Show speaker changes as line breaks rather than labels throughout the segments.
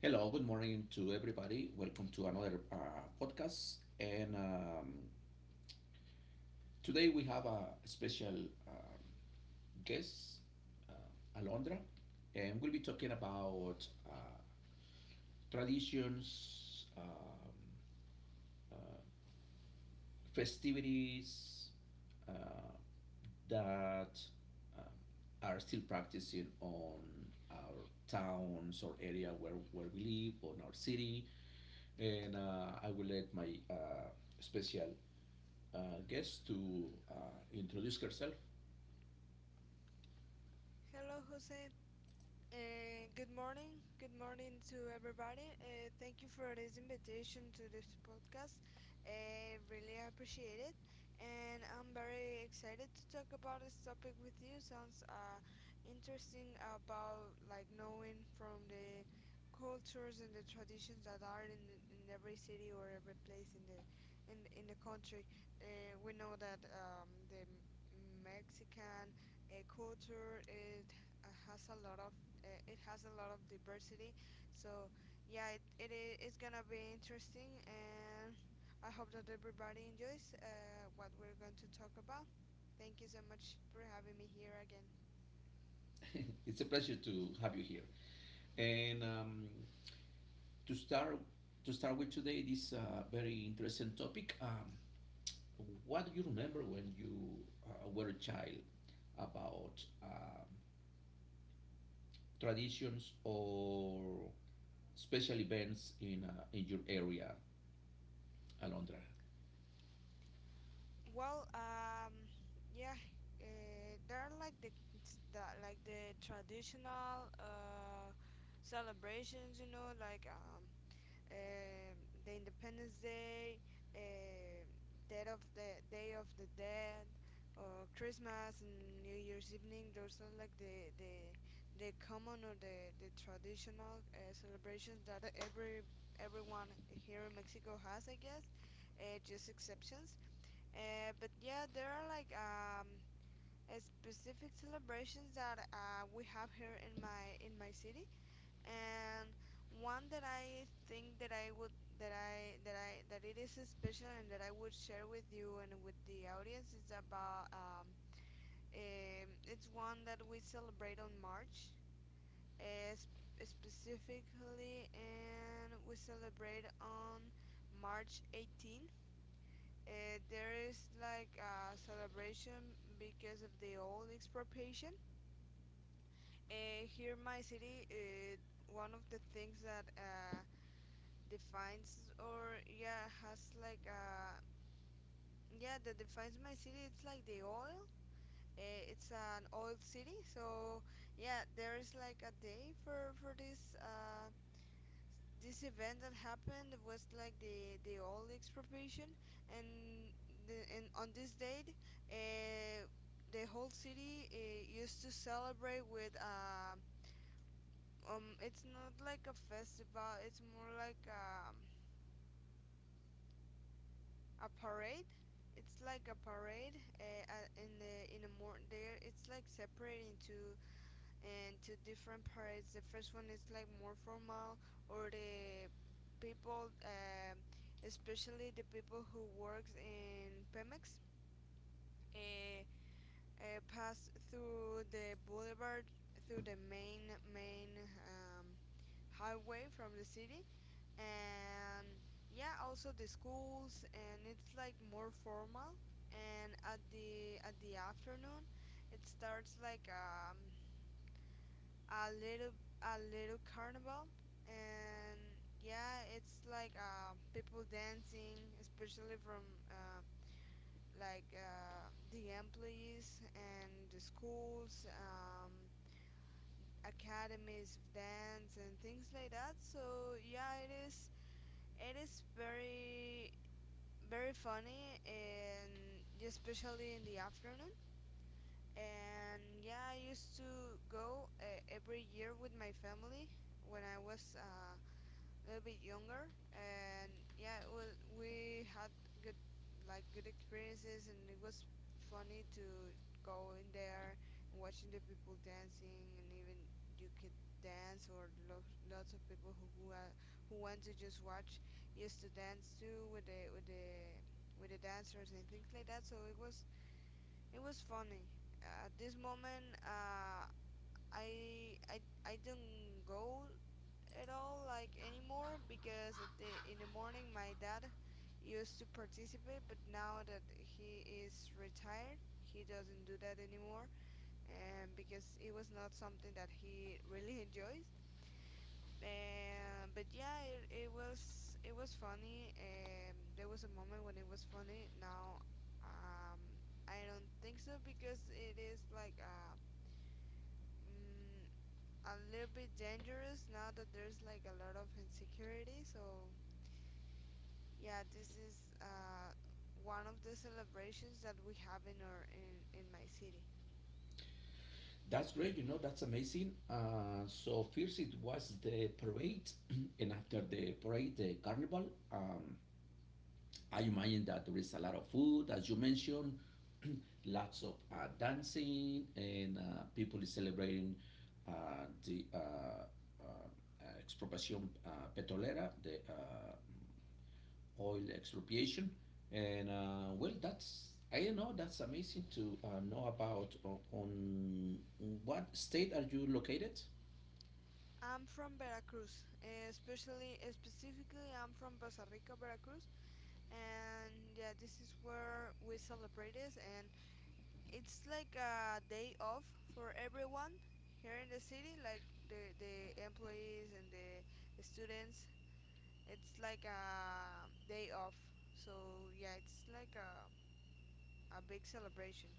Hello, good morning to everybody. Welcome to another podcast. And today we have a special um, guest, Alondra, and we'll be talking about traditions, festivities uh, that um, are still practicing on our towns or area, where we live, on our city. And I will let my special guest to introduce herself.
Hello, José. Good morning. Good morning to everybody. Thank you for this invitation to this podcast. I really appreciate it. And I'm very excited to talk about this topic with you. Sounds interesting about like knowing from the cultures and the traditions that are in every city or every place in the in the country. We know that the Mexican culture it has a lot of it has a lot of diversity. So yeah, it's gonna be interesting, and I hope that everybody enjoys what we're going to talk about. Thank you so much for having me here again.
It's a pleasure to have you here. And to start to start with today, this very interesting topic. What do you remember when you were a child about traditions or special events in your area, Alondra?
Well, yeah, there are like the like the traditional celebrations, you know, like um, the Independence Day, um, Dead of the Day of the Dead, or Christmas and New Year's evening. Those are like the the common or the traditional celebrations that every everyone here in Mexico has, I guess. Just exceptions. But yeah, there are like specific celebrations that we have here in my city, and one that I think that I would that I that I that it is special and that I would share with you and with the audience is about it's one that we celebrate on March specifically, and we celebrate on March 18th. There is like a celebration because of the oil expropriation. Here in my city, one of the things that defines or yeah has like a yeah that defines my city, it's like the oil. Uh, it's an oil city, so yeah, there is like a day for this event that happened, was like the oil expropriation. And the, and on this date uh the whole city used to celebrate with it's not like a festival, it's more like a parade. It's like a parade in the more there, it's like separated into different parades. The first one is like more formal, or the people especially the people who works in Pemex uh, pass through the boulevard through the main um, highway from the city, and yeah, also the schools, and it's like more formal. And at the afternoon it starts like a little a little carnival. And yeah, it's like people dancing, especially from uh, the employees and the schools, academies of dance and things like that. So yeah, it is very very funny, and especially in the afternoon. And yeah, I used to go every year with my family when I was a little bit younger, and yeah, it was, we had good like good experiences, and it was funny to go in there and watching the people dancing, and even you could dance, or lots of people who want to just watch used to dance too with the dancers and things like that. So it was funny. At this moment, I don't go at all like anymore, because at the, in the morning my dad used to participate, but now that he is retired he doesn't do that anymore. And because it was not something that he really enjoys. And but yeah, it was funny, and there was a moment when it was funny. Now um I don't think so, because it is like mm, a little bit dangerous now that there's like a lot of insecurity. So yeah, this is one of the celebrations that we have in my city.
That's great. You know, that's amazing. So first it was the parade, and after the parade, the carnival. I imagine that there is a lot of food, as you mentioned, lots of dancing, and people is celebrating the expropiation petrolera, the oil expropriation, and well, that's I don't know. That's amazing to know about. O- On what state are you located?
I'm from Veracruz, specifically I'm from Poza Rica, Veracruz, and yeah, this is where we celebrate this, and it's like a day off for everyone here in the city, like the employees and the students. It's like a day off, so yeah, it's like a big celebration.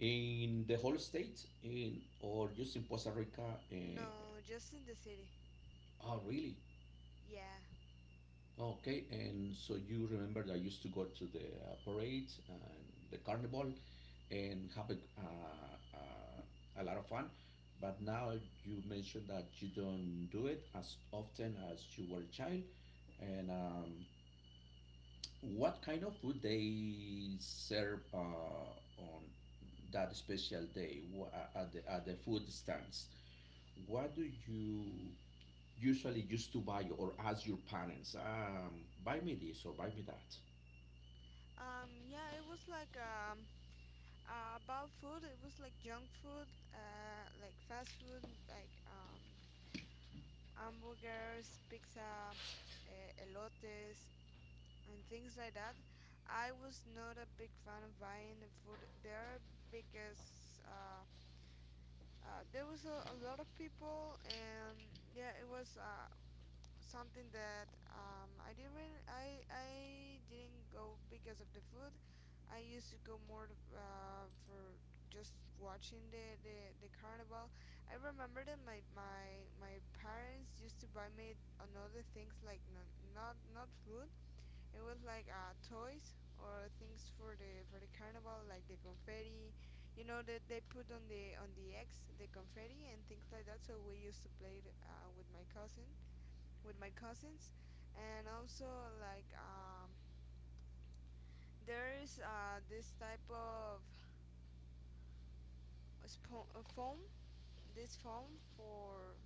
In the whole state, in, or just in Costa Rica? Uh,
No, just in the city.
oh, really?
Yeah.
Okay, and so you remember that I used to go to the parade and the carnival, and have a lot of fun. But now you mentioned that you don't do it as often as you were a child, and what kind of food they serve on that special day, at the food stands? What do you usually used to buy or ask your parents? Buy me this or buy me that.
Yeah, it was like about food. It was like junk food, like fast food, like hamburgers, pizza, elotes, and things like that. I was not a big fan of buying the food there, because there was a lot of people, and yeah, it was something that I didn't really, I didn't go because of the food. I used to go more for just watching the carnival. I remember that my parents used to buy me another things like not not food. It was like toys or things for the carnival, like the confetti. You know that they put on the eggs the confetti and things like that. So we used to play it, with my cousin with my cousins, and also like there is this type of foam, this foam for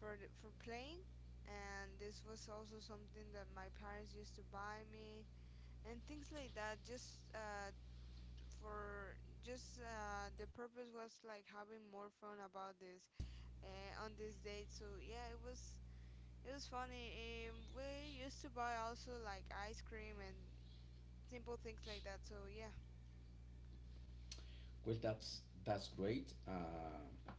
playing, and this was also something that my parents used to buy me and things like that. Just for just the purpose was like having more fun about this on this date. So yeah, it was funny. We used to buy also like ice cream and simple things like that. So yeah,
Well, that's great.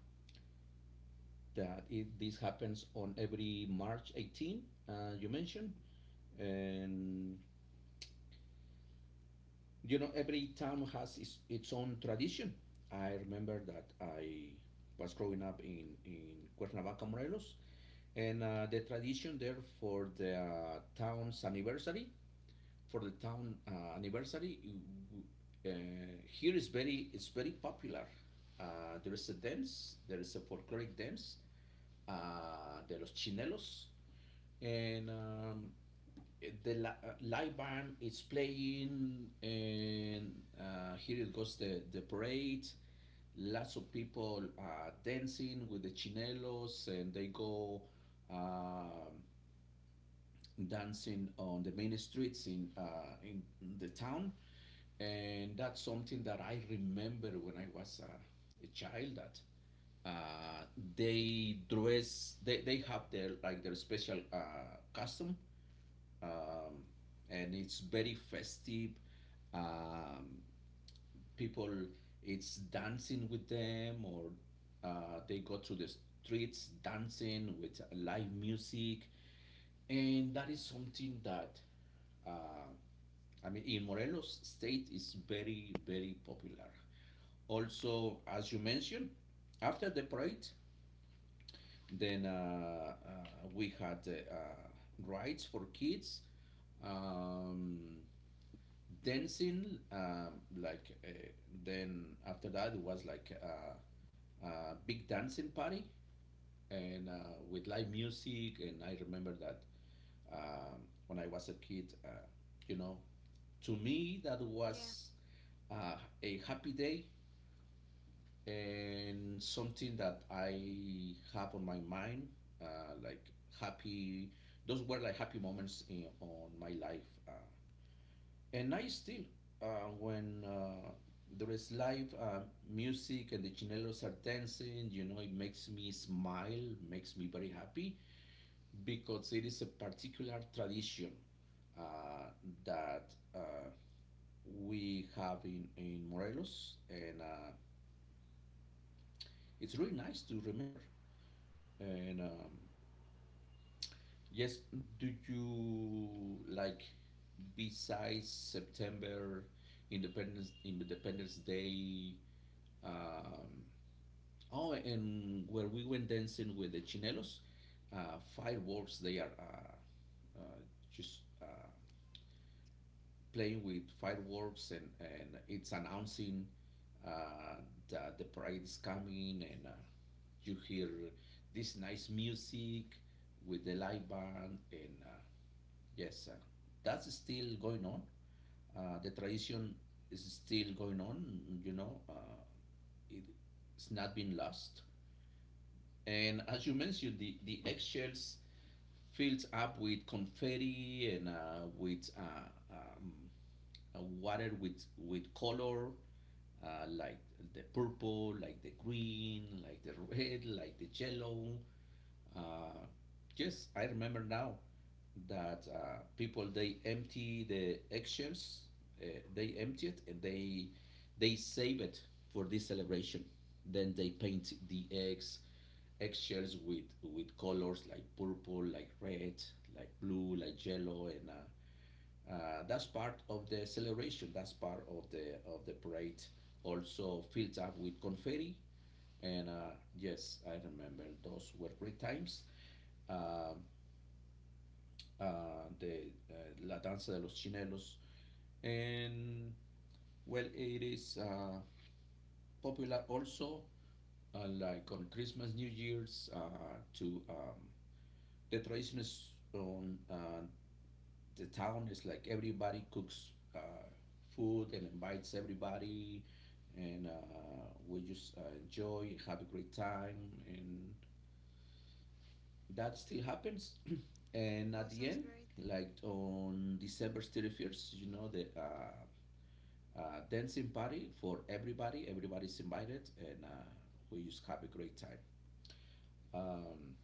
This happens on every March 18, you mentioned, and you know every town has its own tradition. I remember that I was growing up in Cuernavaca, Morelos, and the tradition there for the town anniversary uh, here is very it's very popular. There is a folkloric dance, de los chinelos, and the live band is playing, and here it goes the parade. Lots of people dancing with the chinelos, and they go um dancing on the main streets, in the town. And that's something that I remember when I was a child, that uh, they have their like their special custom, um, and it's very festive. Um, People, it's dancing with them, or they go through the streets dancing with live music, and that is something that, uh, I mean, in Morelos State is very very popular. Also, as you mentioned, after the parade, then we had rides for kids. Um, dancing like Then after that it was like a big dancing party, and with live music. And I remember that, um, when I was a kid, you know to me that
yeah.
was uh, a happy day, and something that I have on my mind, like happy those were like happy moments on my life, and I still, when there is live music and the chinelos are dancing, it makes me smile, makes me very happy, because it is a particular tradition uh, that we have in Morelos, and it's really nice to remember. And yes, do you like, besides September, Independence Day? Um, Oh, and where we went dancing with the chinelos, fireworks. They are uh, just playing with fireworks, and it's announcing uh, that the parade is coming, and you hear this nice music with the live band, and yes, that's still going on. The tradition is still going on. You know, it, it's not been lost. And as you mentioned, the eggshells filled up with confetti, and with water with color like the purple, like the green, like the red, like the yellow. Uh, yes, I remember now that, people, they empty the eggshells, uh, they empty it and they save it for this celebration. Then they paint the eggshells with colors, like purple, like red, like blue, like yellow, and that's part of the celebration. That's part of the parade. Also filled up with confetti, and yes, I remember those were great times. Um the La Danza de los Chinelos, and well, it is popular also, like on Christmas, New Year's. To The tradition is on the town, is like everybody cooks food and invites everybody, and we just enjoy, have a great time, and that still happens. And
Oh,
at the
sounds
end,
great.
like on December 31st, you know, the. Dancing party for everybody. Everybody's invited, and we just have a great time. Um,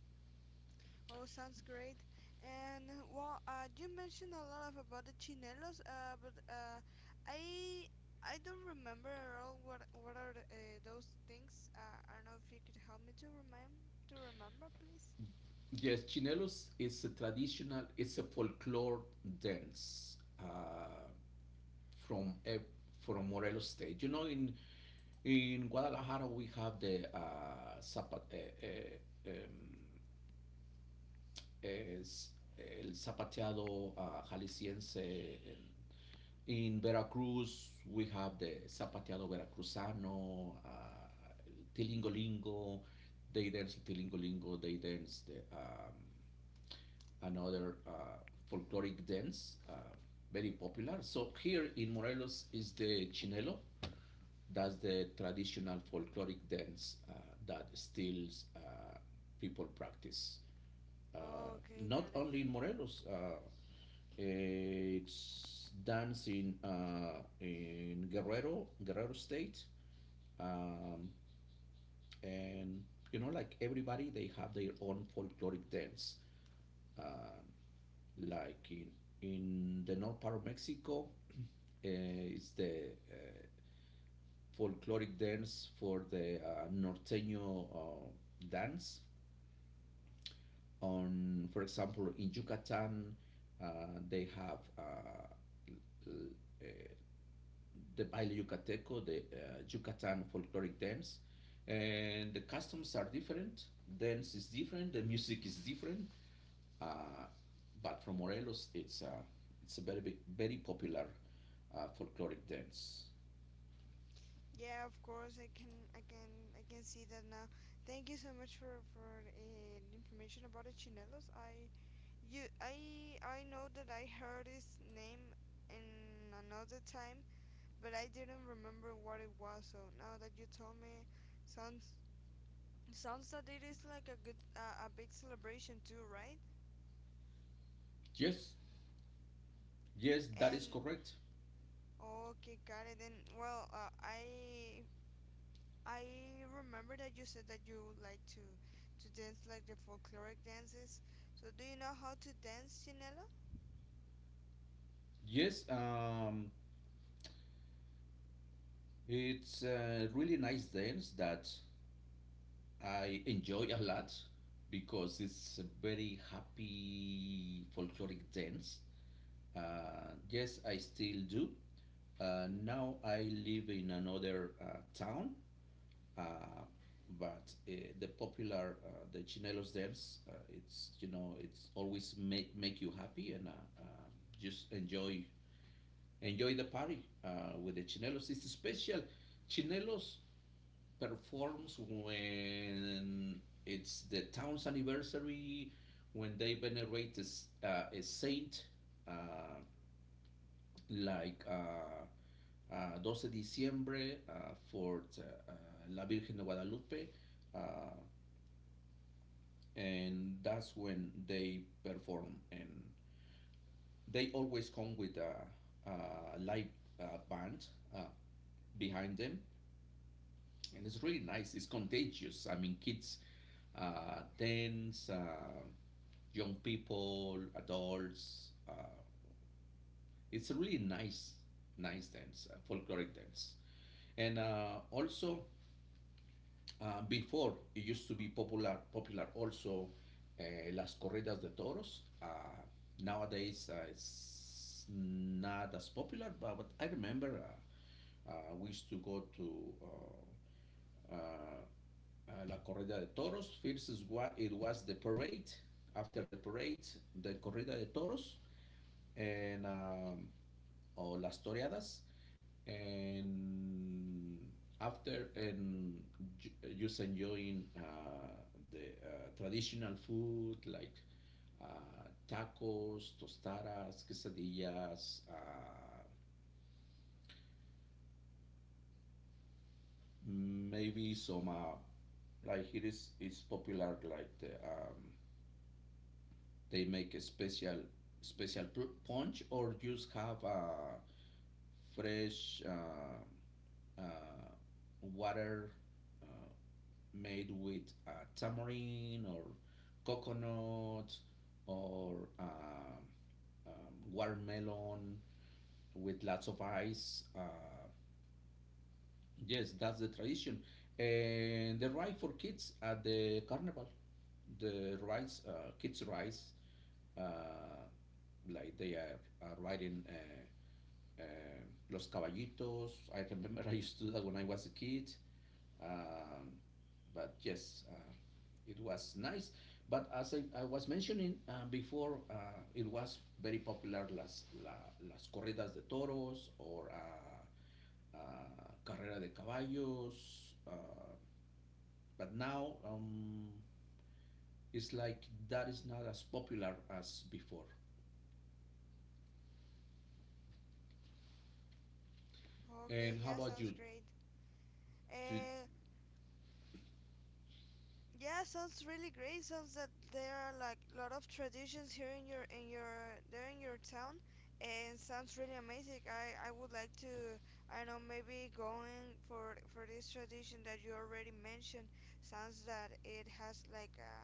Oh, sounds great. And well, you mentioned a lot of about the chinelos, but I I don't remember at all what are those things. I don't know if you could help me to remind to remember, please.
yes, chinelos is it's a folklore dance. From eh, from Morelos State. You know, in Guadalajara we have the eh, um, es el zapateado jalisciense. In Veracruz we have the zapateado veracruzano, tilingolingo. They dance tilingolingo. They dance the another folkloric dance. Very popular. So here in Morelos is the chinelo. That's the traditional folkloric dance that still, uh, people practice. Uh,
Oh, okay,
not
got it.
only in Morelos, it's dance in, in Guerrero, Guerrero State. Um, and, you know, like everybody, they have their own folkloric dance. Um like in the north part of Mexico, it's the folkloric dance for the norteño dance. On, for example, in Yucatan, uh, they have the baile yucateco, the Yucatan folkloric dance, and the customs are different. Dance is different. The music is different. Uh, but from Morelos, it's a very popular folkloric dance.
Yeah, of course. I can see that now. Thank you so much for the information about the chinelos. I know that I heard his name in another time, but I didn't remember what it was. So now that you told me, sounds sounds that it is like a good, a big celebration too, right?
Yes, yes, that is
And
correct.
okay, got it. And well, I remember that you said that you like to dance like the folkloric dances. So do you know how to dance, Chinelo?
Yes, it's a really nice dance that I enjoy a lot, because it's a very happy folkloric dance. Yes, I still do. Now I live in another town, uh, but the chinelos dance. It's always make you happy, and uh, just enjoy the party with the chinelos. It's special. Chinelos performs when it's the town's anniversary, when they venerate a a saint, uh, like 12 de diciembre, for La Virgen de Guadalupe, uh, and that's when they perform. And they always come with a live band, uh, behind them, and it's really nice. It's contagious. I mean, kids, dance, young people, adults. It's a really nice, nice dance, folkloric dance, and also, before, it used to be popular also, uh, las corridas de toros. Nowadays, it's not as popular, but I remember, we used to go to la corrida de toros. First is what it was the parade. After the parade, the corrida de toros. And or las toreadas, and after, and ju- just enjoying the traditional food, like uh, tacos, tostadas, quesadillas, maybe some, like it's popular, like they make a special punch, or just have fresh uh, water uh, made with tamarind, or coconut, or watermelon, with lots of ice. Yes, that's the tradition. And the ride for kids at the carnival, the rides, kids rides, uh, like they are riding Los Caballitos. I remember I used to do that when I was a kid. Um, but yes, it was nice. But as I was mentioning, before, it was very popular las corridas de toros, or Carrera de Caballos. But now, it's like that is not as popular as before.
Okay,
And how
yeah,
about
sounds
you?
great. Uh, yeah, sounds really great. Sounds that there are like a lot of traditions here in your there in your town, and sounds really amazing. I would like to I don't know, maybe going for this tradition that you already mentioned. Sounds that it has like a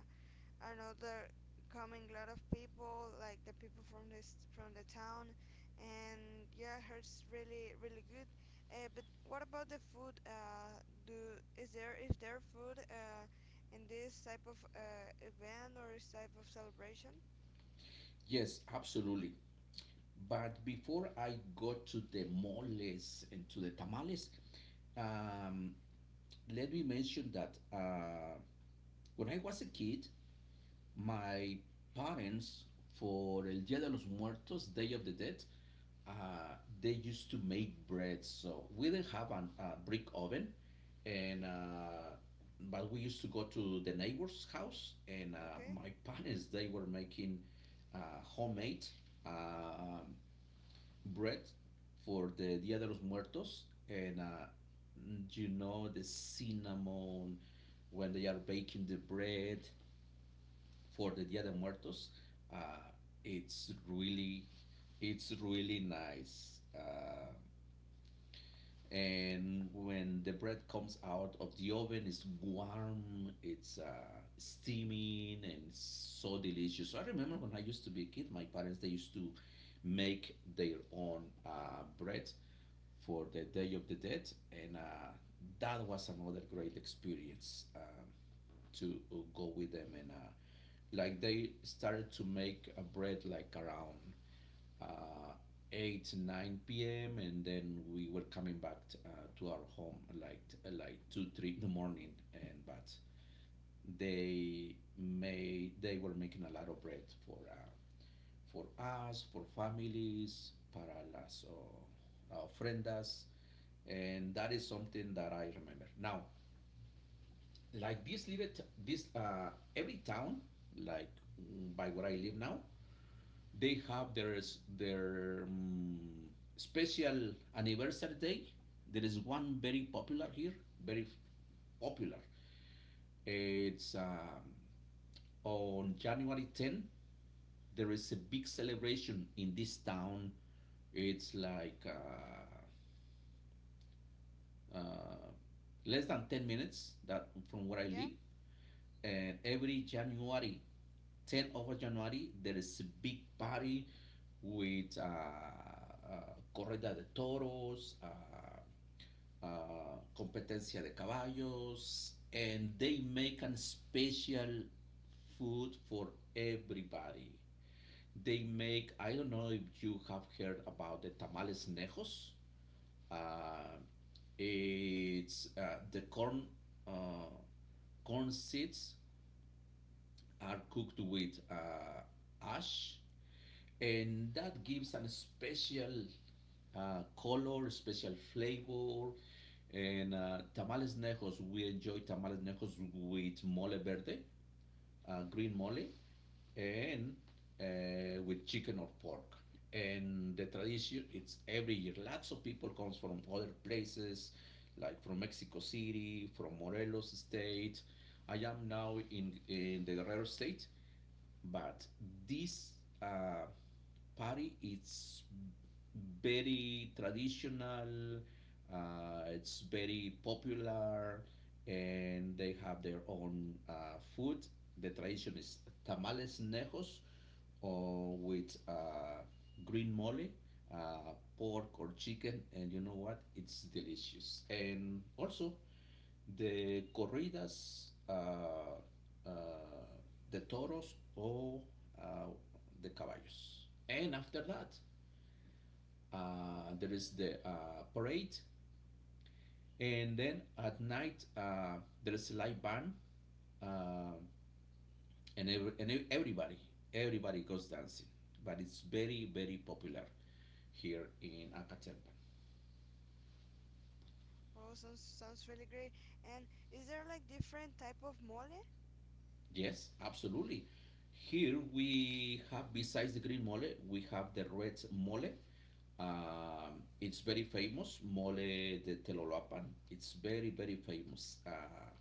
I don't know, they're coming a lot of people, like the people from this from the town, and yeah, it hurts really really good. But what about the food? Do Is there is there food in this type of event or this type of celebration?
Yes, absolutely. But before I go to the moles and to the tamales, um, let me mention that, when I was a kid, my parents, for El Dia de los Muertos, Day of the Dead, uh, they used to make bread. So we didn't have a brick oven, and but we used to go to the neighbor's house, and
Okay,
my parents, they were making homemade uh, bread for the Dia de los Muertos, and you know, the cinnamon, when they are baking the bread for the Dia de Muertos. Uh, it's really, it's really nice. And when the bread comes out of the oven, it's warm, it's steaming, and it's so delicious. So I remember when I used to be a kid, my parents they used to make their own bread for the Day of the Dead, and that was another great experience. To go with them and like they started to make a bread like around uh, 8 9 p.m and then we were coming back to our home like like 2 3 in the morning and but they were making a lot of bread for us, for families, para las ofrendas, and that is something that I remember now, like this little this every town, like by where I live now they have their their um, special anniversary day. There is one very popular here, very popular. It's on January 10 there is a big celebration in this town. It's like uh, less than 10 minutes that from where I
yeah.
live. And every January, 10th of January, there is a big party with Corrida de Toros, Competencia de Caballos, and they make a special food for everybody. They make, I don't know if you have heard about the tamales nejos. Uh, it's the corn uh, corn seeds are cooked with ash, and that gives a special color, special flavor. And tamales nejos, we enjoy tamales nejos with mole verde, green mole, and with chicken or pork. And the tradition it's every year. Lots of people comes from other places, like from Mexico City, from Morelos State. I am now in the Guerrero State, but this uh, party it's very traditional, it's very popular, and they have their own food. The tradition is tamales nejos or with green mole, pork or chicken, and you know what, it's delicious. And also the corridas, ah, ah, the toros, or ah, the caballos. And after that, there is the parade. And then at night, there is a live band. Uh, and everybody, everybody goes dancing. But it's very, very popular here in Acatempan.
Oh, sounds sounds really great. And is there like different type of mole?
Yes, absolutely. Here we have, besides the green mole, we have the red mole. It's very famous, mole de Telolapan. It's very, very famous.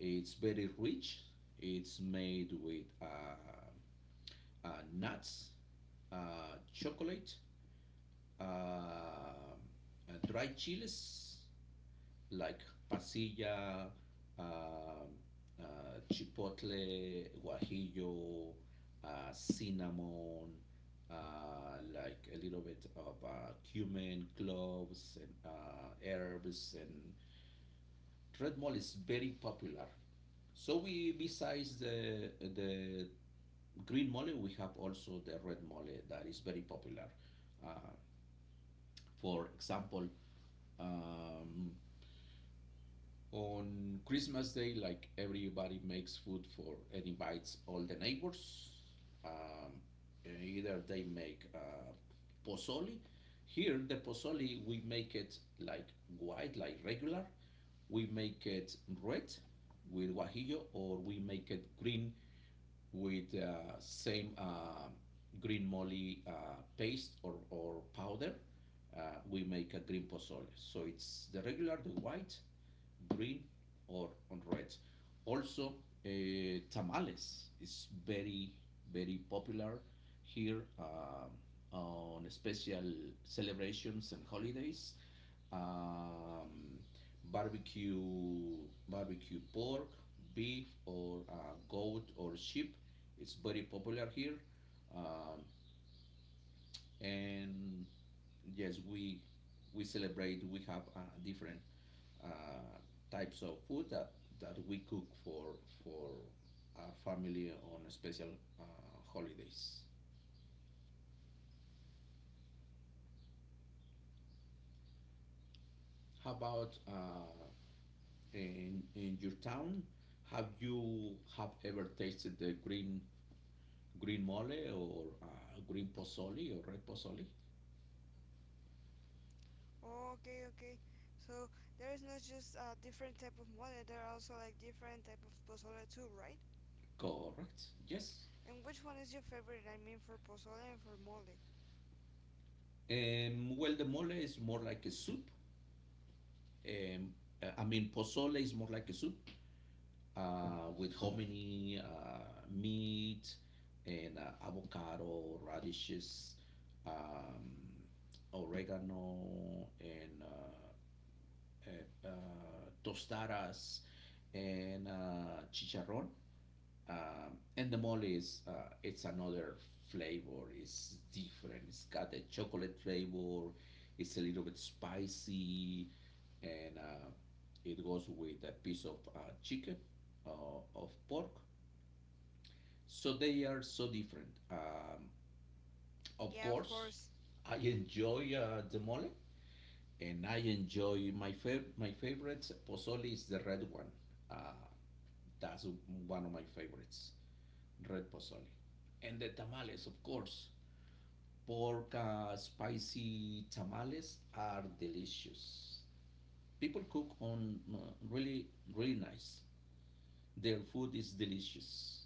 It's very rich. It's made with nuts, chocolate, dried chiles, like pasilla, uh, uh, chipotle, guajillo, cinnamon, like a little bit of cumin, cloves, and herbs. And red mole is very popular. So we, besides the green mole, we have also the red mole that is very popular. Uh, for example, um, on Christmas Day, like everybody makes food for and invites all the neighbors. Um, Either they make pozole. Here, the pozole we make it like white, like regular. We make it red with guajillo, or we make it green with same green moly paste, or powder. We make a green pozole. So it's the regular, the white, green, or on red. Also, uh, tamales is very, very popular here on special celebrations and holidays. Um, Barbecue, barbecue pork, beef, or goat or sheep. It's very popular here. Um, and yes, we celebrate, we have different uh, types of food that that we cook for our family on special uh, holidays. How about in your town, have you have ever tasted the green green mole or green pozole or red pozole?
Oh, okay, okay. So there is not just a different type of mole. There are also like different type of pozole too, right?
Correct, yes.
And which one is your favorite? I mean, for pozole and for mole.
Well, the mole is more like a soup. Um, I mean, pozole is more like a soup with hominy, meat, and avocado, radishes, um, oregano, and uh, uh, tostadas, and chicharrón. And the mole is it's another flavor, it's different, it's got the chocolate flavor, it's a little bit spicy, and it goes with a piece of chicken, uh, of pork. So they are so different. Of
Yeah, of
course
course.
I enjoy the mole, and I enjoy my my favorites pozole is the red one. uh, that's one of my favorites, red pozole. And the tamales, of course. Pork spicy tamales are delicious. People cook on really, really nice. Their food is delicious.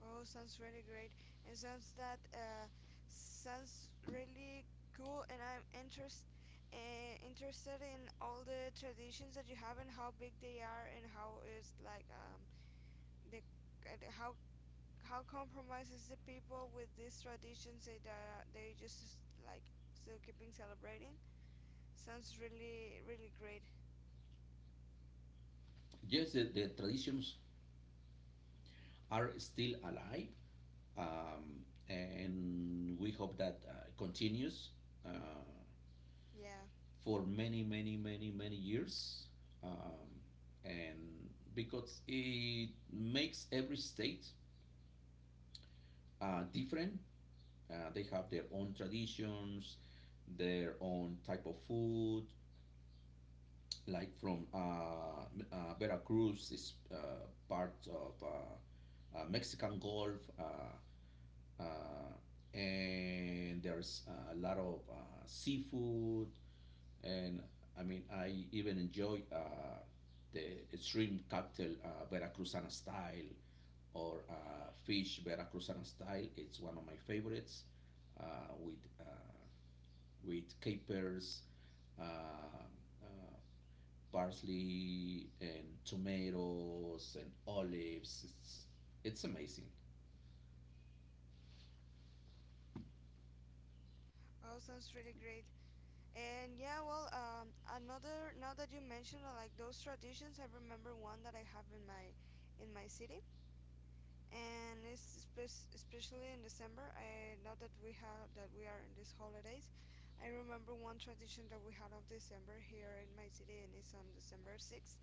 Oh, sounds really great, and sounds that sounds really cool. And I'm interested in all the traditions that you have and how big they are, and how is like the and how compromises the people with these traditions that they just like still keeping celebrating. Sounds really really great.
Yes, the traditions are still alive, and we hope that continues uh,
Yeah.
for many, many, many, many years. Um, and because it makes every state different. They have their own traditions, their own type of food. Like from Veracruz is part of Mexican Gulf, and there's a lot of seafood. And I mean, I even enjoy the shrimp cocktail Veracruzana style, or fish Veracruzana style. It's one of my favorites, uh, with uh, with capers, uh, uh, parsley, and tomatoes and olives. It's amazing.
Oh, sounds really great. And yeah, well, another, now that you mentioned like those traditions, I remember one that I have in my city, and it's especially in December. I, now that we have that we are in these holidays, I remember one tradition that we had of December here in my city, and it's on December 6th.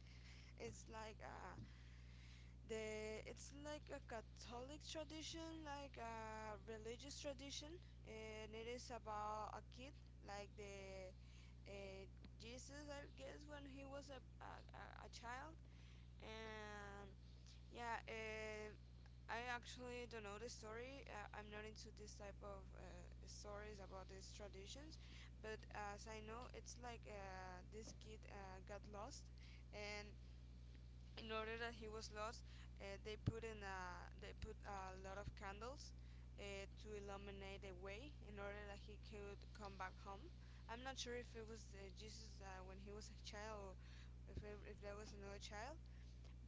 It's like the it's like a Catholic tradition, like a religious tradition, and it is about a kid, like the uh, Jesus, I guess, when he was a child. And yeah, I actually don't know the story. I'm not into this type of stories about these traditions. But as I know, it's like this kid got lost, and in order that he was lost, they put a lot of candles to illuminate the way in order that he could come back home. I'm not sure if it was Jesus when he was a child, or if there was another child.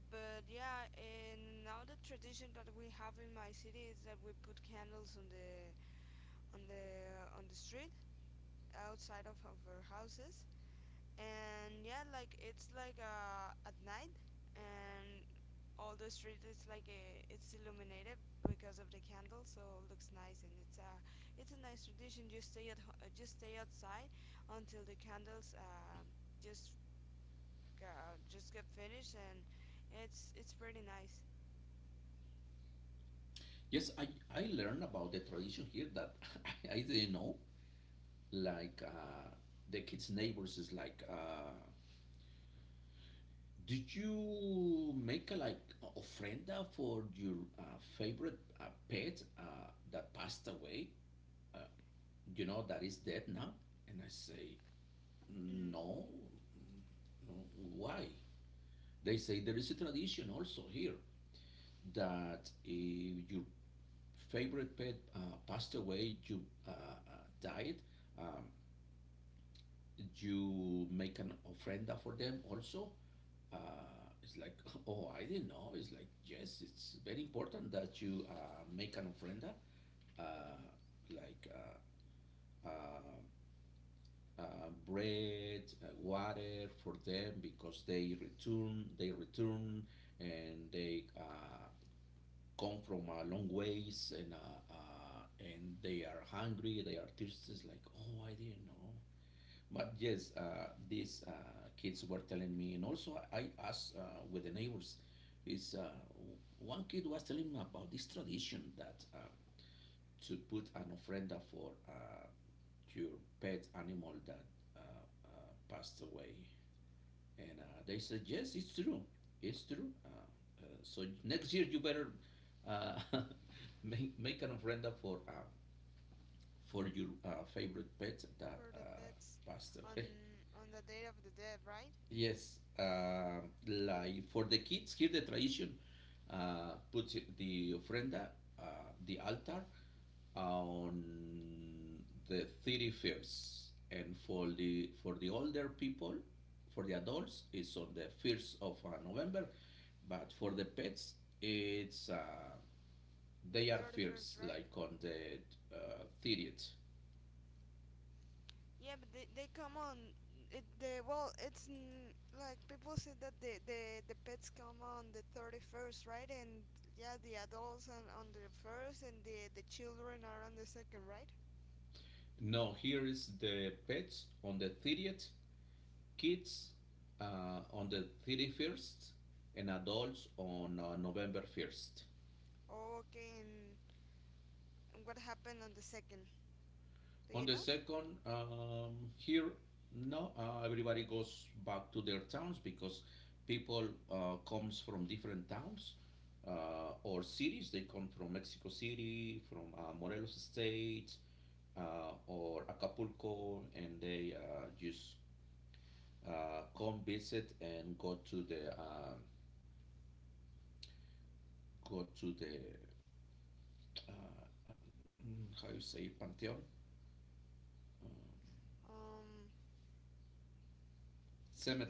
But yeah, and now the tradition that we have in my city is that we put candles on on the the street outside of our houses. And yeah, like it's like at night and all the street is like it's illuminated because of the candle, so it looks nice and it's a nice tradition. Just just stay outside until the candles just just get finished. And it's pretty nice.
Yes, I learned about the tradition here that I didn't know. Like the kids' neighbors is like, did you make a like a ofrenda for your favorite pet that passed away? You know, that is dead now. And I say,
Mm,
no, no, why? They say there is a tradition also here that if your favorite pet passed away, you died, um, you make an ofrenda for them also. It's like, oh, I didn't know. It's like, yes, it's very important that you make an ofrenda, uh, like uh, bread, water for them because they return, and they come from a long ways, and they are hungry, they are thirsty. It's like, oh, I didn't know. But yes, these kids were telling me, and also I asked with the neighbors. Is one kid was telling me about this tradition that to put an ofrenda for your pet animal that uh, passed away. And they said, yes, it's true. It's true. So next year you better uh, make an ofrenda for your favorite pet that
for the pets
passed
on
away.
on the Day of the Dead, right?
Yes, like for the kids here, the tradition puts the ofrenda, uh, the altar, on the 31st, and for the older people, for the adults, it's on the first of November, but for the pets, it's
The
they are
31st,
first,
right?
like on the 30th.
Yeah, but they come on it the, well, it's like people say that the pets come on the 31st, right? And yeah, the adults on the first and the children are on the second, right?
No, here is the pets on the 30th, kids on the 31st, and adults on November 1st.
Oh, okay. And what happened on the second? Do
On
you
the
know?
second, here, no, everybody goes back to their towns because people comes from different towns or cities. They come from Mexico City, from Morelos State, or Acapulco, and they just come visit and go to the how you say pantheon,
Um,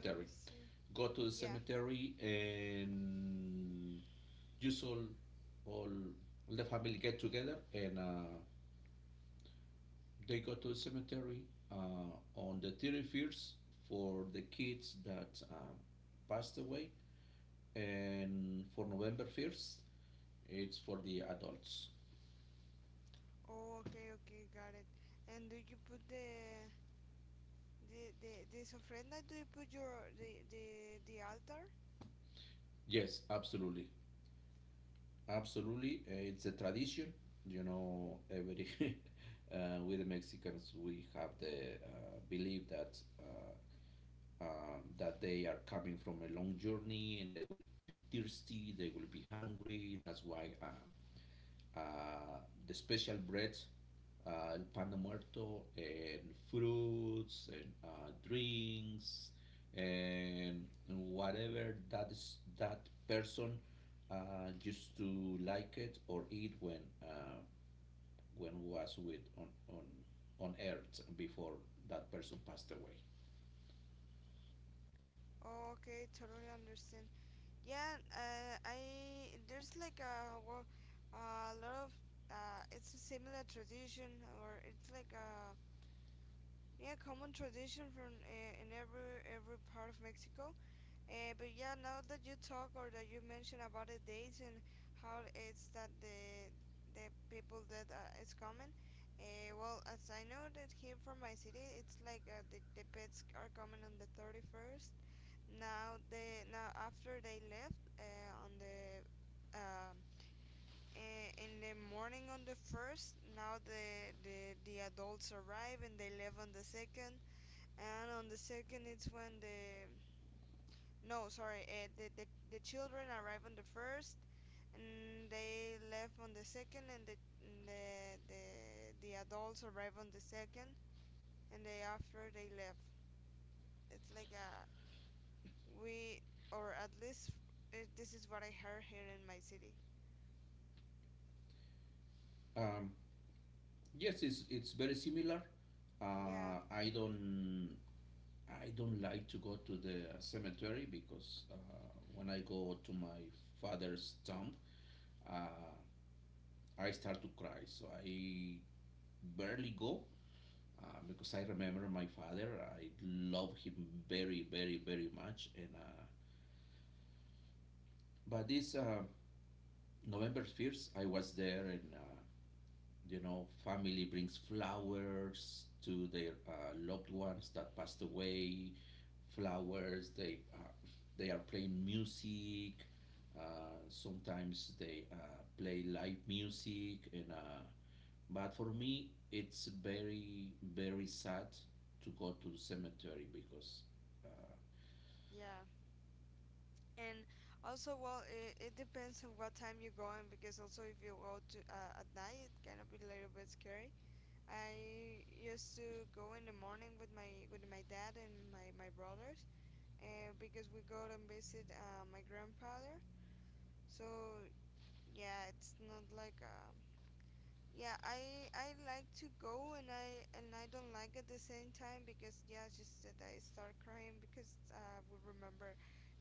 let me see.
Go to the
Yeah.
cemetery, and just all the family get together, and they go to the cemetery uh, on the 31st for the kids that passed away, and for November 1st it's for the adults.
Oh, okay, okay, got it. And do you put the the ofrenda? Do you put your the altar?
Yes, absolutely. Absolutely, it's a tradition. You know, every with the Mexicans, we have the belief that that they are coming from a long journey and they will be thirsty, they will be hungry. That's why uh, the special breads, el pan de muerto, and fruits and drinks, and whatever that is that person used to like it or eat when was with on on earth before that person passed away.
Oh, okay, totally understand. Yeah, I there's like a lot of it's a similar tradition, or it's like a, yeah, common tradition from in every part of Mexico. But yeah, now that you talk or that you mention about the dates and how it's that the people that is common. Well, as I know that here from my city, it's like the pets are coming on the 31st. Now they, now after they left on the um, in the morning on the first. Now the adults arrive and they left on the second. And on the second, it's when the, no, sorry, the children arrive on the first. And they left on the second, and the the, the adults arrive on the second, and they after they left. It's like a, we, or at least this is what I heard here in my city.
Um, yes, it's very similar.
Yeah,
Uh, I don't I don't like to go to the cemetery because when I go to my father's tomb, uh, I start to cry. So I barely go because I remember my father. I love him very, very, very much. And but this November 1st, I was there, and you know, family brings flowers to their loved ones that passed away. Flowers. They are playing music. Sometimes they play live music, and but for me, it's very very sad to go to the cemetery because uh,
yeah. And also, well, it depends on what time you're going, because also if you go to at night, it can be a little bit scary. I used to go in the morning with my dad and my brothers, because we go and visit my grandfather. So yeah, it's not like yeah, I like to go and I don't like at the same time because yeah, it's just that I start crying because we remember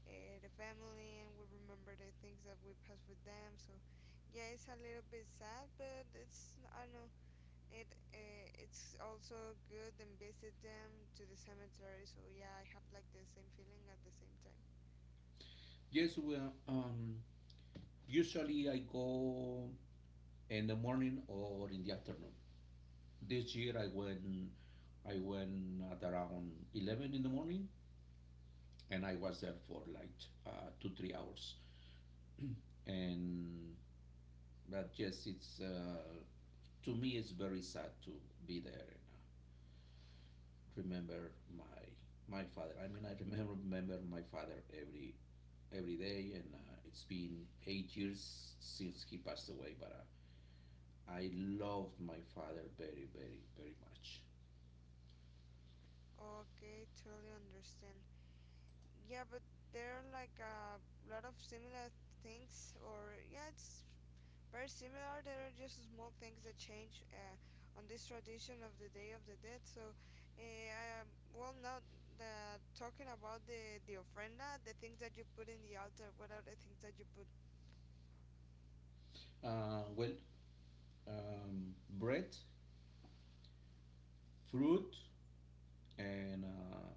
the family and we remember the things that we passed with them. So yeah, it's a little bit sad, but it's, I don't know, it's also good and visit them to the cemetery. So yeah, I have like the same feeling at the same time.
yes, well, usually I go in the morning or in the afternoon. This year I went at around 11 in the morning, and I was there for like 2 3 hours, and but yes, it's to me it's very sad to be there and remember my my father. I mean, I remember my father every day, and it's been 8 years since he passed away. But I loved my father very very very much.
Okay, totally understand. Yeah, but there are like a lot of similar things, or yeah, it's very similar. There are just small things that change on this tradition of the Day of the Dead. So, well, now the talking about the ofrenda, the things that you put in the altar, what are the things that you put?
Well, bread, fruit, and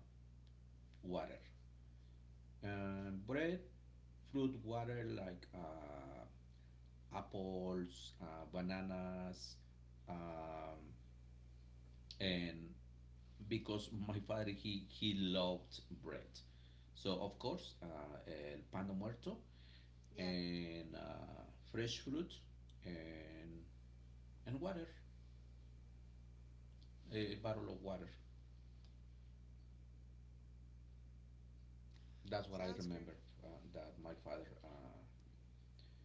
water. Bread, fruit, water like apples, bananas, um, and because my father he loved bread, so of course el pan de muerto
Yeah,
and fresh fruit and and water, a bottle of water. That's what I
sounds good.
remember uh, that my father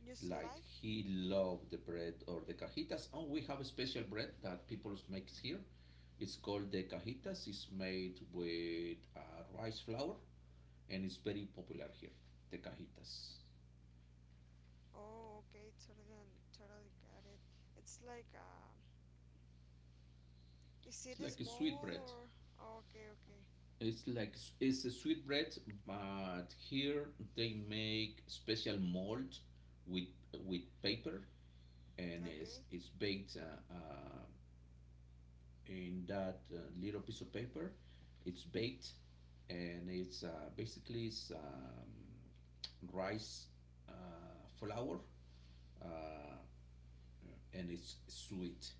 Just
like
like?
he loved the bread or the cajitas, and we have a special bread that people makes here. It's called the cajitas. It's made with rice flour, and it's very popular here, the cajitas.
Oh, okay, totally, totally got it. It's like, is it
It's like a sweet
small
bread.
or? Oh, okay, okay,
It's a sweet bread, but here they make special mold with with paper, and it's,
okay,
it's baked in that little piece of paper. It's baked, and it's basically it's rice flour, uh, and it's sweet.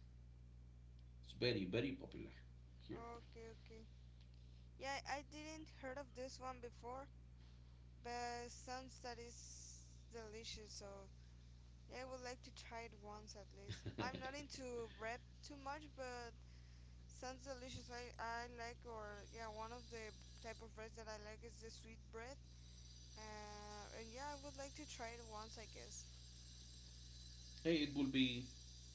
It's very very popular here.
okay, okay. Yeah, I didn't heard of this one before, but sounds that is delicious. So yeah, I would like to try it once at least. I'm not into bread too much, but sounds delicious. I like, or yeah, one of the type of breads that I like is the sweet bread. And yeah, I would like to try it once, I guess.
Hey, it will be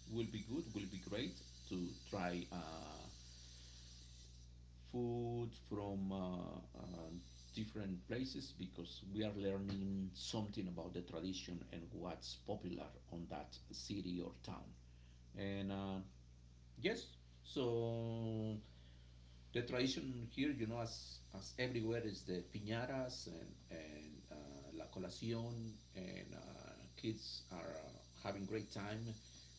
good. Will be great to try food from different places because we are learning something about the tradition and what's popular on that city or town. And yes, so the tradition here, you know, as everywhere, is the piñatas and la colación, and kids are having great time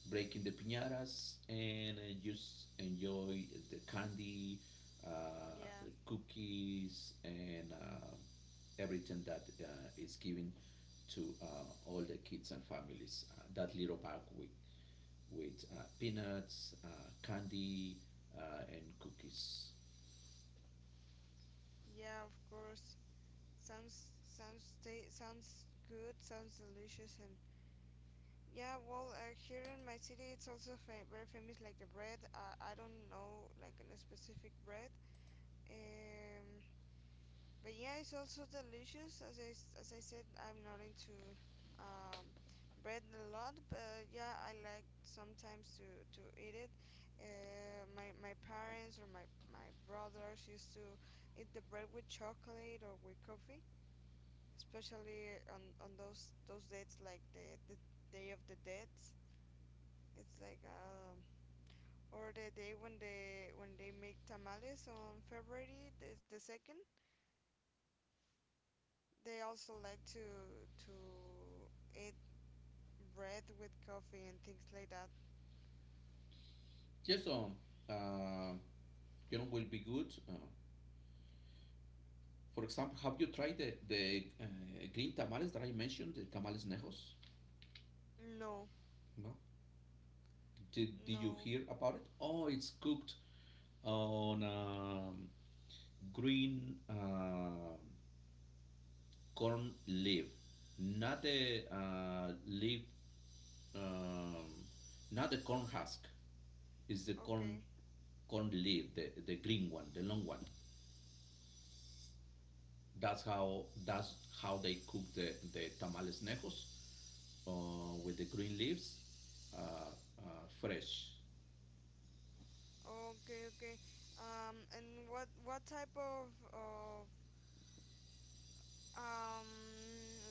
breaking the piñatas and just enjoy the candy, uh,
Yeah,
cookies, and everything that is given to all the kids and families. That little bag with peanuts, candy, and cookies.
yeah, of course. Sounds sounds ta sounds good, sounds delicious, and yeah, well, here in my city, it's also very famous, like the bread. I don't know, like a specific bread. Um, but yeah, it's also delicious. As as I said, I'm not into um, bread a lot, but yeah, I like sometimes to eat it. My parents or my brothers used to eat the bread with chocolate or with coffee, especially on those dates like the Day of the Dead. It's like or the day when they make tamales on February the second, they also like to eat bread with coffee and things like that.
Yes, uh, you know, will be good. For example, have you tried the green tamales that I mentioned, the tamales nejos?
No,
No? Did you
no.
hear about it? Oh, it's cooked on green corn leaf, um, not the corn husk. It's the corn
Okay,
corn leaf, the green one, the long one. That's how they cook the tamales nejos with the green leaves, fresh.
okay, okay. And what type of um,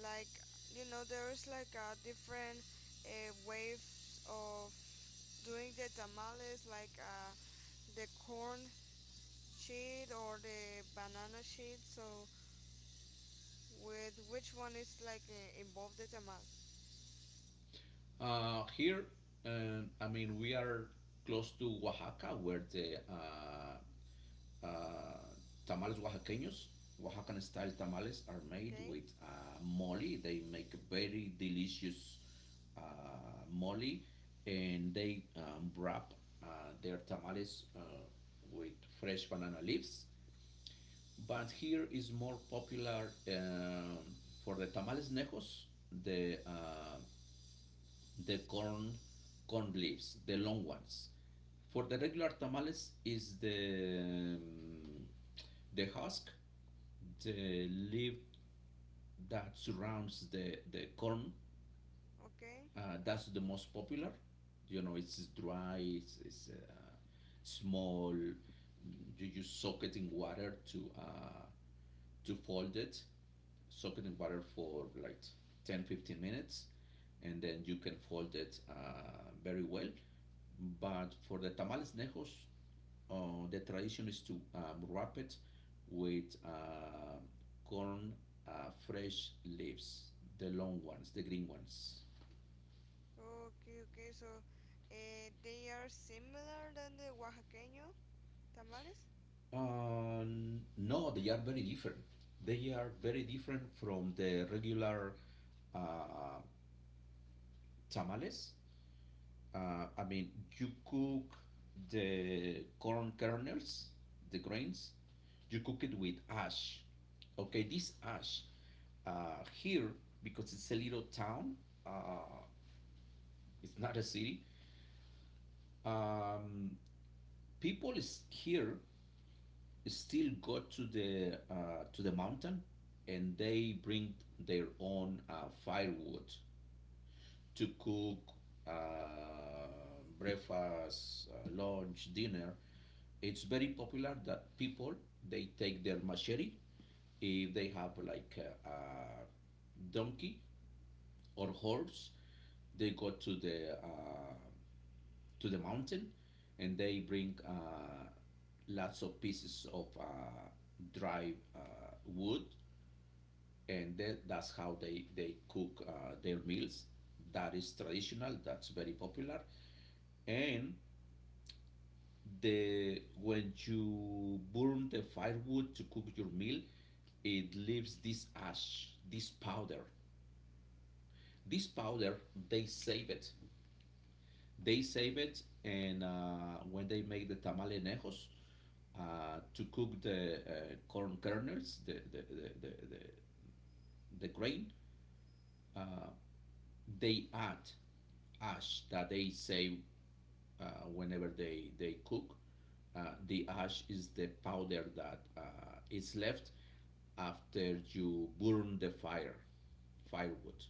like, you know, there is like a different waves of doing the tamales like the corn shade or the banana shade. So with which one is like involved the tamal?
Here, I mean, we are close to Oaxaca, where the tamales oaxaqueños, Oaxacan style tamales, are made
Okay,
with mole. They make very delicious uh, mole, and they wrap uh, their tamales with fresh banana leaves. But here is more popular for the tamales nejos, the uh, the corn leaves, the long ones. For the regular tamales is the husk, the leaf that surrounds the corn
okay,
that's the most popular. You know, it's dry, it's small. You just soak it in water to fold it. Soak it in water for like 10-15 minutes, and then you can fold it very well. But for the tamales nejos, the tradition is to wrap it with corn fresh leaves, the long ones, the green ones.
okay, okay. So they are similar than the oaxaqueño tamales?
Uh, no, they are very different. They are very different from the regular uh, tamales. I mean, you cook the corn kernels, the grains, you cook it with ash. Okay, this ash here, because it's a little town, uh, it's not a city, um, people is here still go to the mountain, and they bring their own firewood to cook uh, breakfast, lunch, dinner. It's very popular that people they take their machete. If they have like a donkey or horse, they go to the mountain, and they bring lots of pieces of dry wood, and that's how they cook their meals. That is traditional, that's very popular. And the when you burn the firewood to cook your meal, it leaves this ash, this powder. this powder they save it. They save it, and when they make the tamalenejos, to cook the corn kernels, the, the the grain, they add ash that they save whenever they cook. The ash is the powder that is left after you burn the firewood,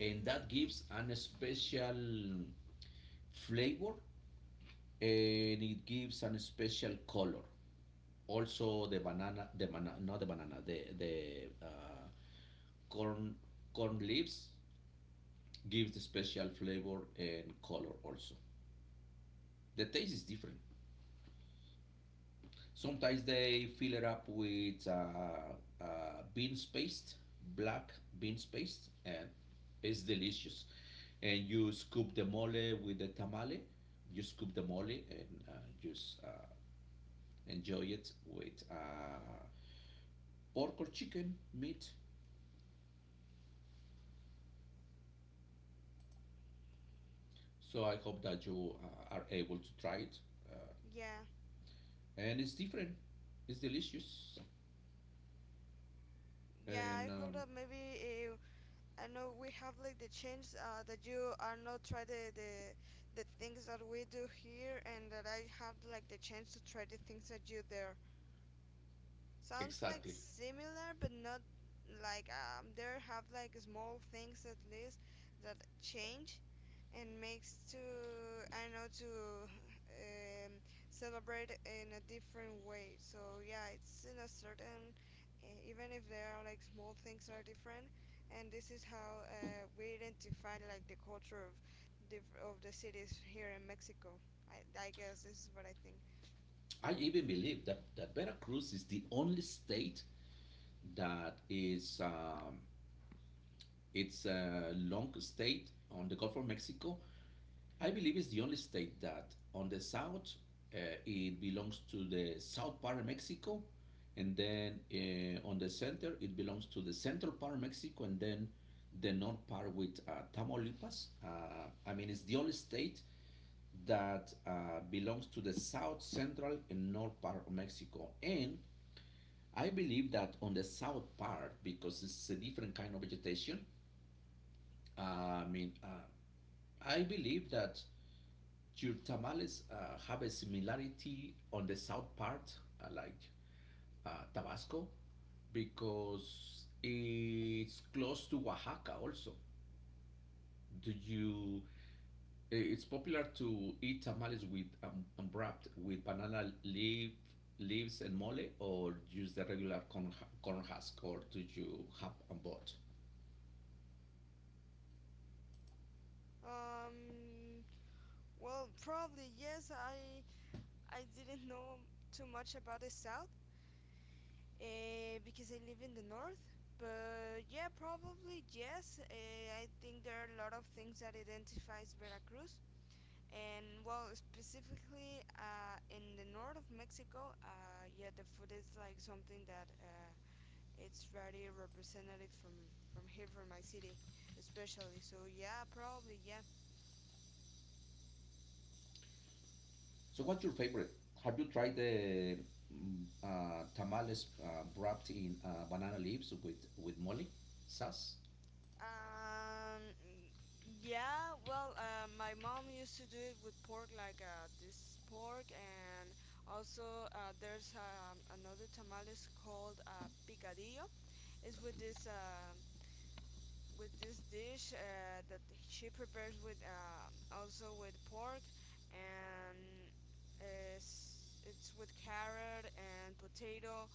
and that
okay.
gives an special flavor, and it gives an special color. Also, the banana, not the banana, the corn leaves gives the special flavor and color. Also, the taste is different. Sometimes they fill it up with beans paste, black beans paste, and it's delicious. And you scoop the mole with the tamale. You scoop the mole and just enjoy it with pork or chicken meat. So I hope that you are able to try it. Uh,
Yeah,
and it's different, it's delicious.
yeah,
And
I hope that maybe I know we have like the change, that you are not try the things that we do here and that I have like the chance to try the things that you there. Sounds like
Exactly.
similar but not, like, there have like small things at least that change and makes to, I don't know, to um, celebrate in a different way. So yeah, it's in a certain, even if there are like small things are different, and this is how we identify like the culture of diff of the cities here in Mexico. I guess this is what I think.
I even believe that Veracruz is the only state that is it's a long state on the Gulf of Mexico. I believe it's the only state that on the south uh, it belongs to the south part of Mexico, and then on the center it belongs to the central part of Mexico, and then the north part with Tamaulipas. I mean, it's the only state that belongs to the south, central, and north part of Mexico. And I believe that on the south part, because it's a different kind of vegetation, I mean, I believe that your tamales have a similarity on the south part, like Tabasco, because it's close to Oaxaca also. Do you? It's popular to eat tamales with wrapped with banana leaf leaves and mole, or use the regular corn, corn husk, or do you have both?
Um, well, probably yes. I didn't know too much about the south because I live in the north. But yeah, probably yes. I think there are a lot of things that identifies Veracruz, and well, specifically in the north of Mexico, yeah, the food is like something that it's very representative from here from my city, especially. So yeah, probably yeah.
So what's your favorite? Have you tried the tamales wrapped in banana leaves with mole sauce?
Um, yeah, well, my mom used to do it with pork, like this pork, and also there's another tamales called picadillo. It's with this dish that she prepares with also with pork, and it's with carrot and potato,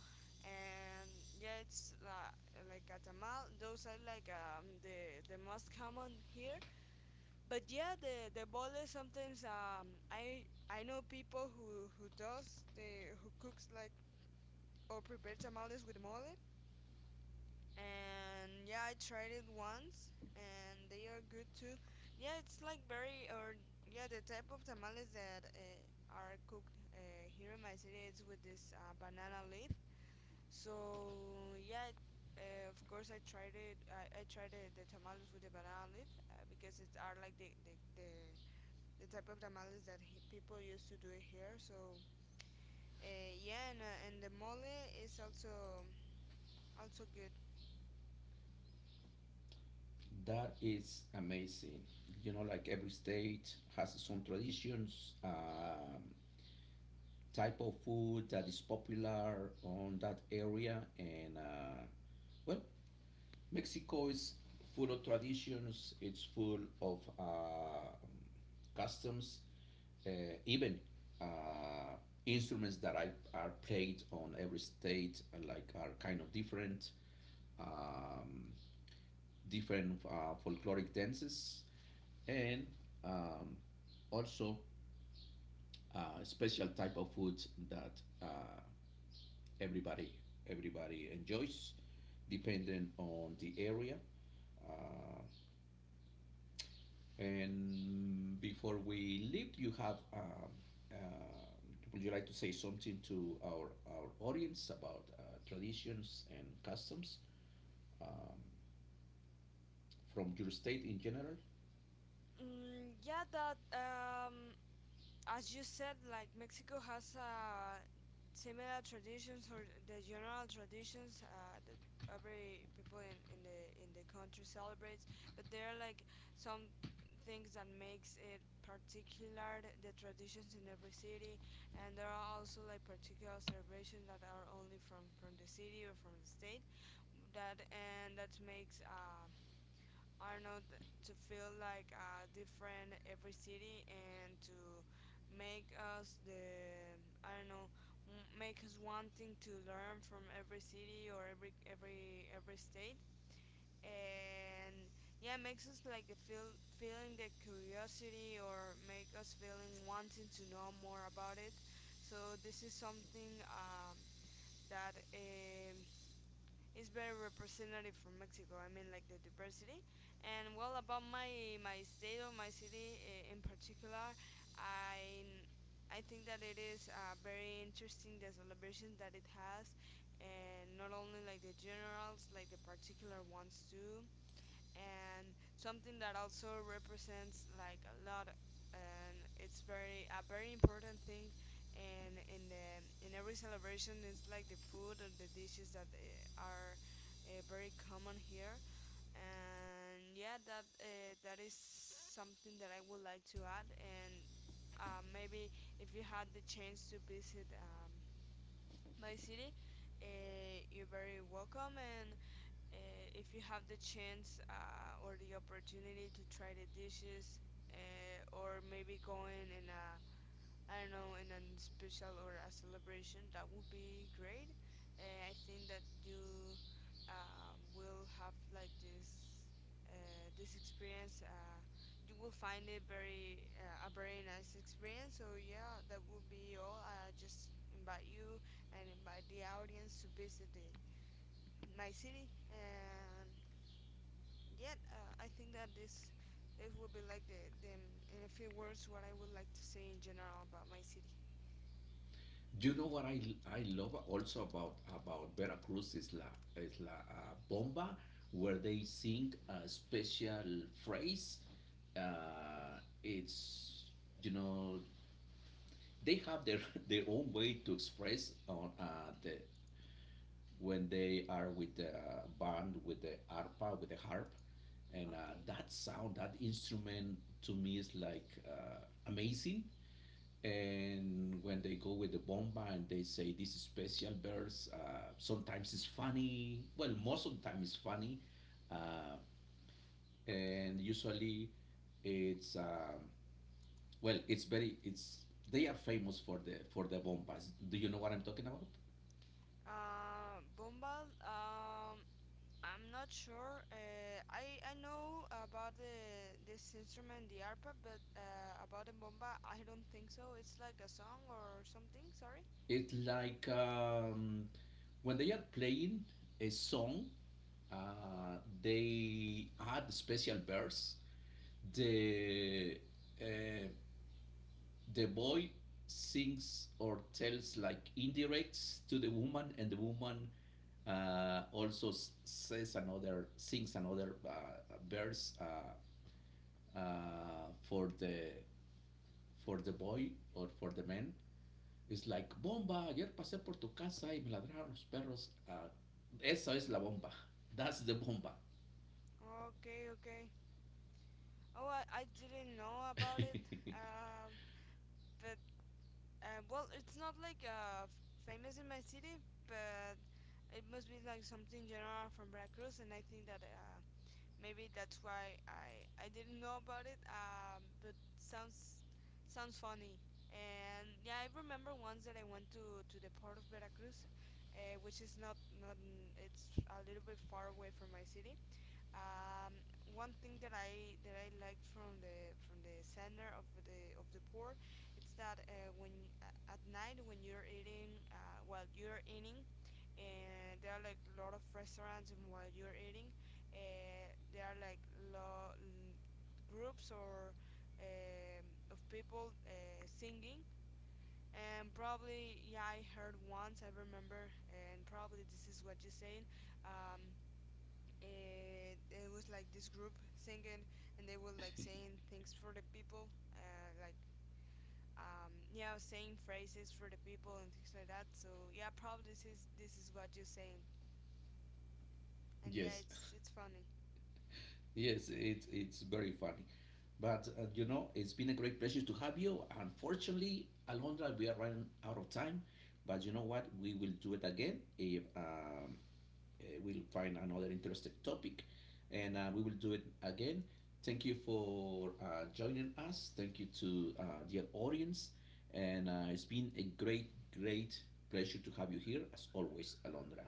and yeah, it's like a tamal. Those are like, the most common here. But yeah, the boles sometimes, I know people who does the who cooks like or prepares tamales with mole, and yeah, I tried it once, and they are good too. Yeah, it's like very or yeah, the type of tamales that are cooked here in my city, it's with this banana leaf. So yeah, of course I tried it. I tried the tamales with the banana leaf because it are like the type of tamales that people used to do it here. So yeah, and the mole is also also good.
That is amazing. You know, like every state has its own traditions, type of food that is popular on that area, and well, Mexico is full of traditions. It's full of customs, uh, even uh, instruments that are played on every state, like are kind of different, um, different folkloric dances, and um, also special type of food that everybody everybody enjoys, depending on the area. Uh, And before we leave, do you have, uh, would you like to say something to our audience about traditions and customs um, from your state in general?
Mm, yeah, that as you said, like Mexico has similar traditions or the general traditions that every people in the country celebrates, but there are like some things that makes it particular the traditions in every city, and there are also like particular celebrations that are only from the city or from the state, that and that makes I don't know, to feel like different every city, and to make us the, I don't know, make us wanting to learn from every city or every state. And yeah, makes us like the feel feeling the curiosity or make us feeling wanting to know more about it. So this is something that is very representative for Mexico. I mean, like the diversity. And well, about my state or my city in particular, I I think that it is very interesting the celebration that it has, and not only like the generals, like the particular ones too, and something that also represents like a lot, and it's very a very important thing, and in every celebration, it's like the food or the dishes that are very common here. And yeah, that that is something that I would like to add. And maybe if you had the chance to visit my city, you're very welcome. And if you have the chance or the opportunity to try the dishes, or maybe going in a, I don't know, in a special or a celebration, that would be great. I think that you will have like this this experience. You will find it very a very nice experience. So yeah, that would be all. I just invite you and invite the audience to visit the, my city. And yet I think that this will be like the, in a few words, what I would like to say in general about my city.
You know what I love also about Veracruz is la bomba, where they sing a special phrase. It's You know, they have their their own way to express on the when they are with the band, with the arpa, with the harp, and
Okay.
that sound, that instrument to me is like amazing. And when they go with the bomba and they say this special verse, sometimes it's funny. Well, most of the time it's funny, uh, and usually it's well, it's very it's they are famous for the bombas. Do you know what I'm talking about?
Bombal. I'm not sure. I know about the this instrument, the arpa, but about the bomba, I don't think so. It's like a song or something. Sorry.
It's like when they are playing a song, they add special verse. The uh, the boy sings or tells like indirects to the woman, and the woman also says another sings another verse uh, for the for the boy or for the man. Es like, bomba, ayer pasé por tu casa y me ladraron los perros. Ah, esa es la bomba. That's the bomba.
Okay, okay. I didn't know about it. Um, but well, it's not like famous in my city, but it must be like something general from Veracruz, and I think that maybe that's why I didn't know about it. But sounds sounds funny. And yeah, I remember once that I went to the port of Veracruz, which is not not n- it's a little bit far away from my city. Um, one thing that I liked from the center of the pour, it's that when at night when you're eating, while you're eating, and there are like a lot of restaurants, and while you're eating, there are like groups or, um, of people singing. And probably, yeah, I heard once, I remember, and probably this is what you're saying. Um, and it was like this group singing, and they were like saying things for the people like, yeah, saying phrases for the people and things like that. So yeah, probably this is what you're saying. And yeah,
Yes,
it's funny.
yes, it's very funny. But you know, it's been a great pleasure to have you. Unfortunately, Alondra, we are running out of time. But you know what? We will do it again if we'll find another interesting topic, and we will do it again. Thank you for joining us. Thank you to dear audience. And it's been a great, great pleasure to have you here, as always, Alondra.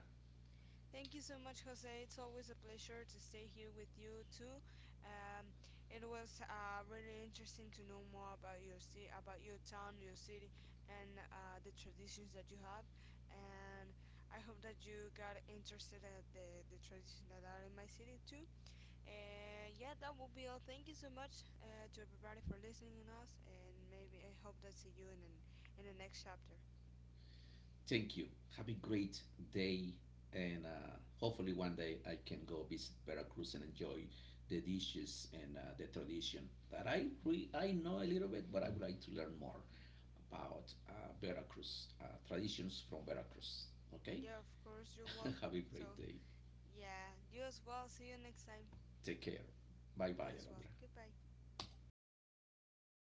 Thank you so much, Jose. It's always a pleasure to stay here with you too. Um, it was really interesting to know more about your city, about your town, your city, and the traditions that you have. And I hope that you got interested at the traditions that are in my city too. And yeah, that will be all. Thank you so much to everybody for listening to us. And maybe I hope that see you in an, in the next chapter.
Thank you. Have a great day, and hopefully one day I can go visit Veracruz and enjoy the dishes and the tradition that I I know a little bit, but I would like to learn more about Veracruz traditions from Veracruz. Okay,
Yeah, of course, you're
have
welcome.
a great
So,
day.
yeah, you as well. See you next time.
Take care. Bye bye,
You as well.
Alondra.
Goodbye.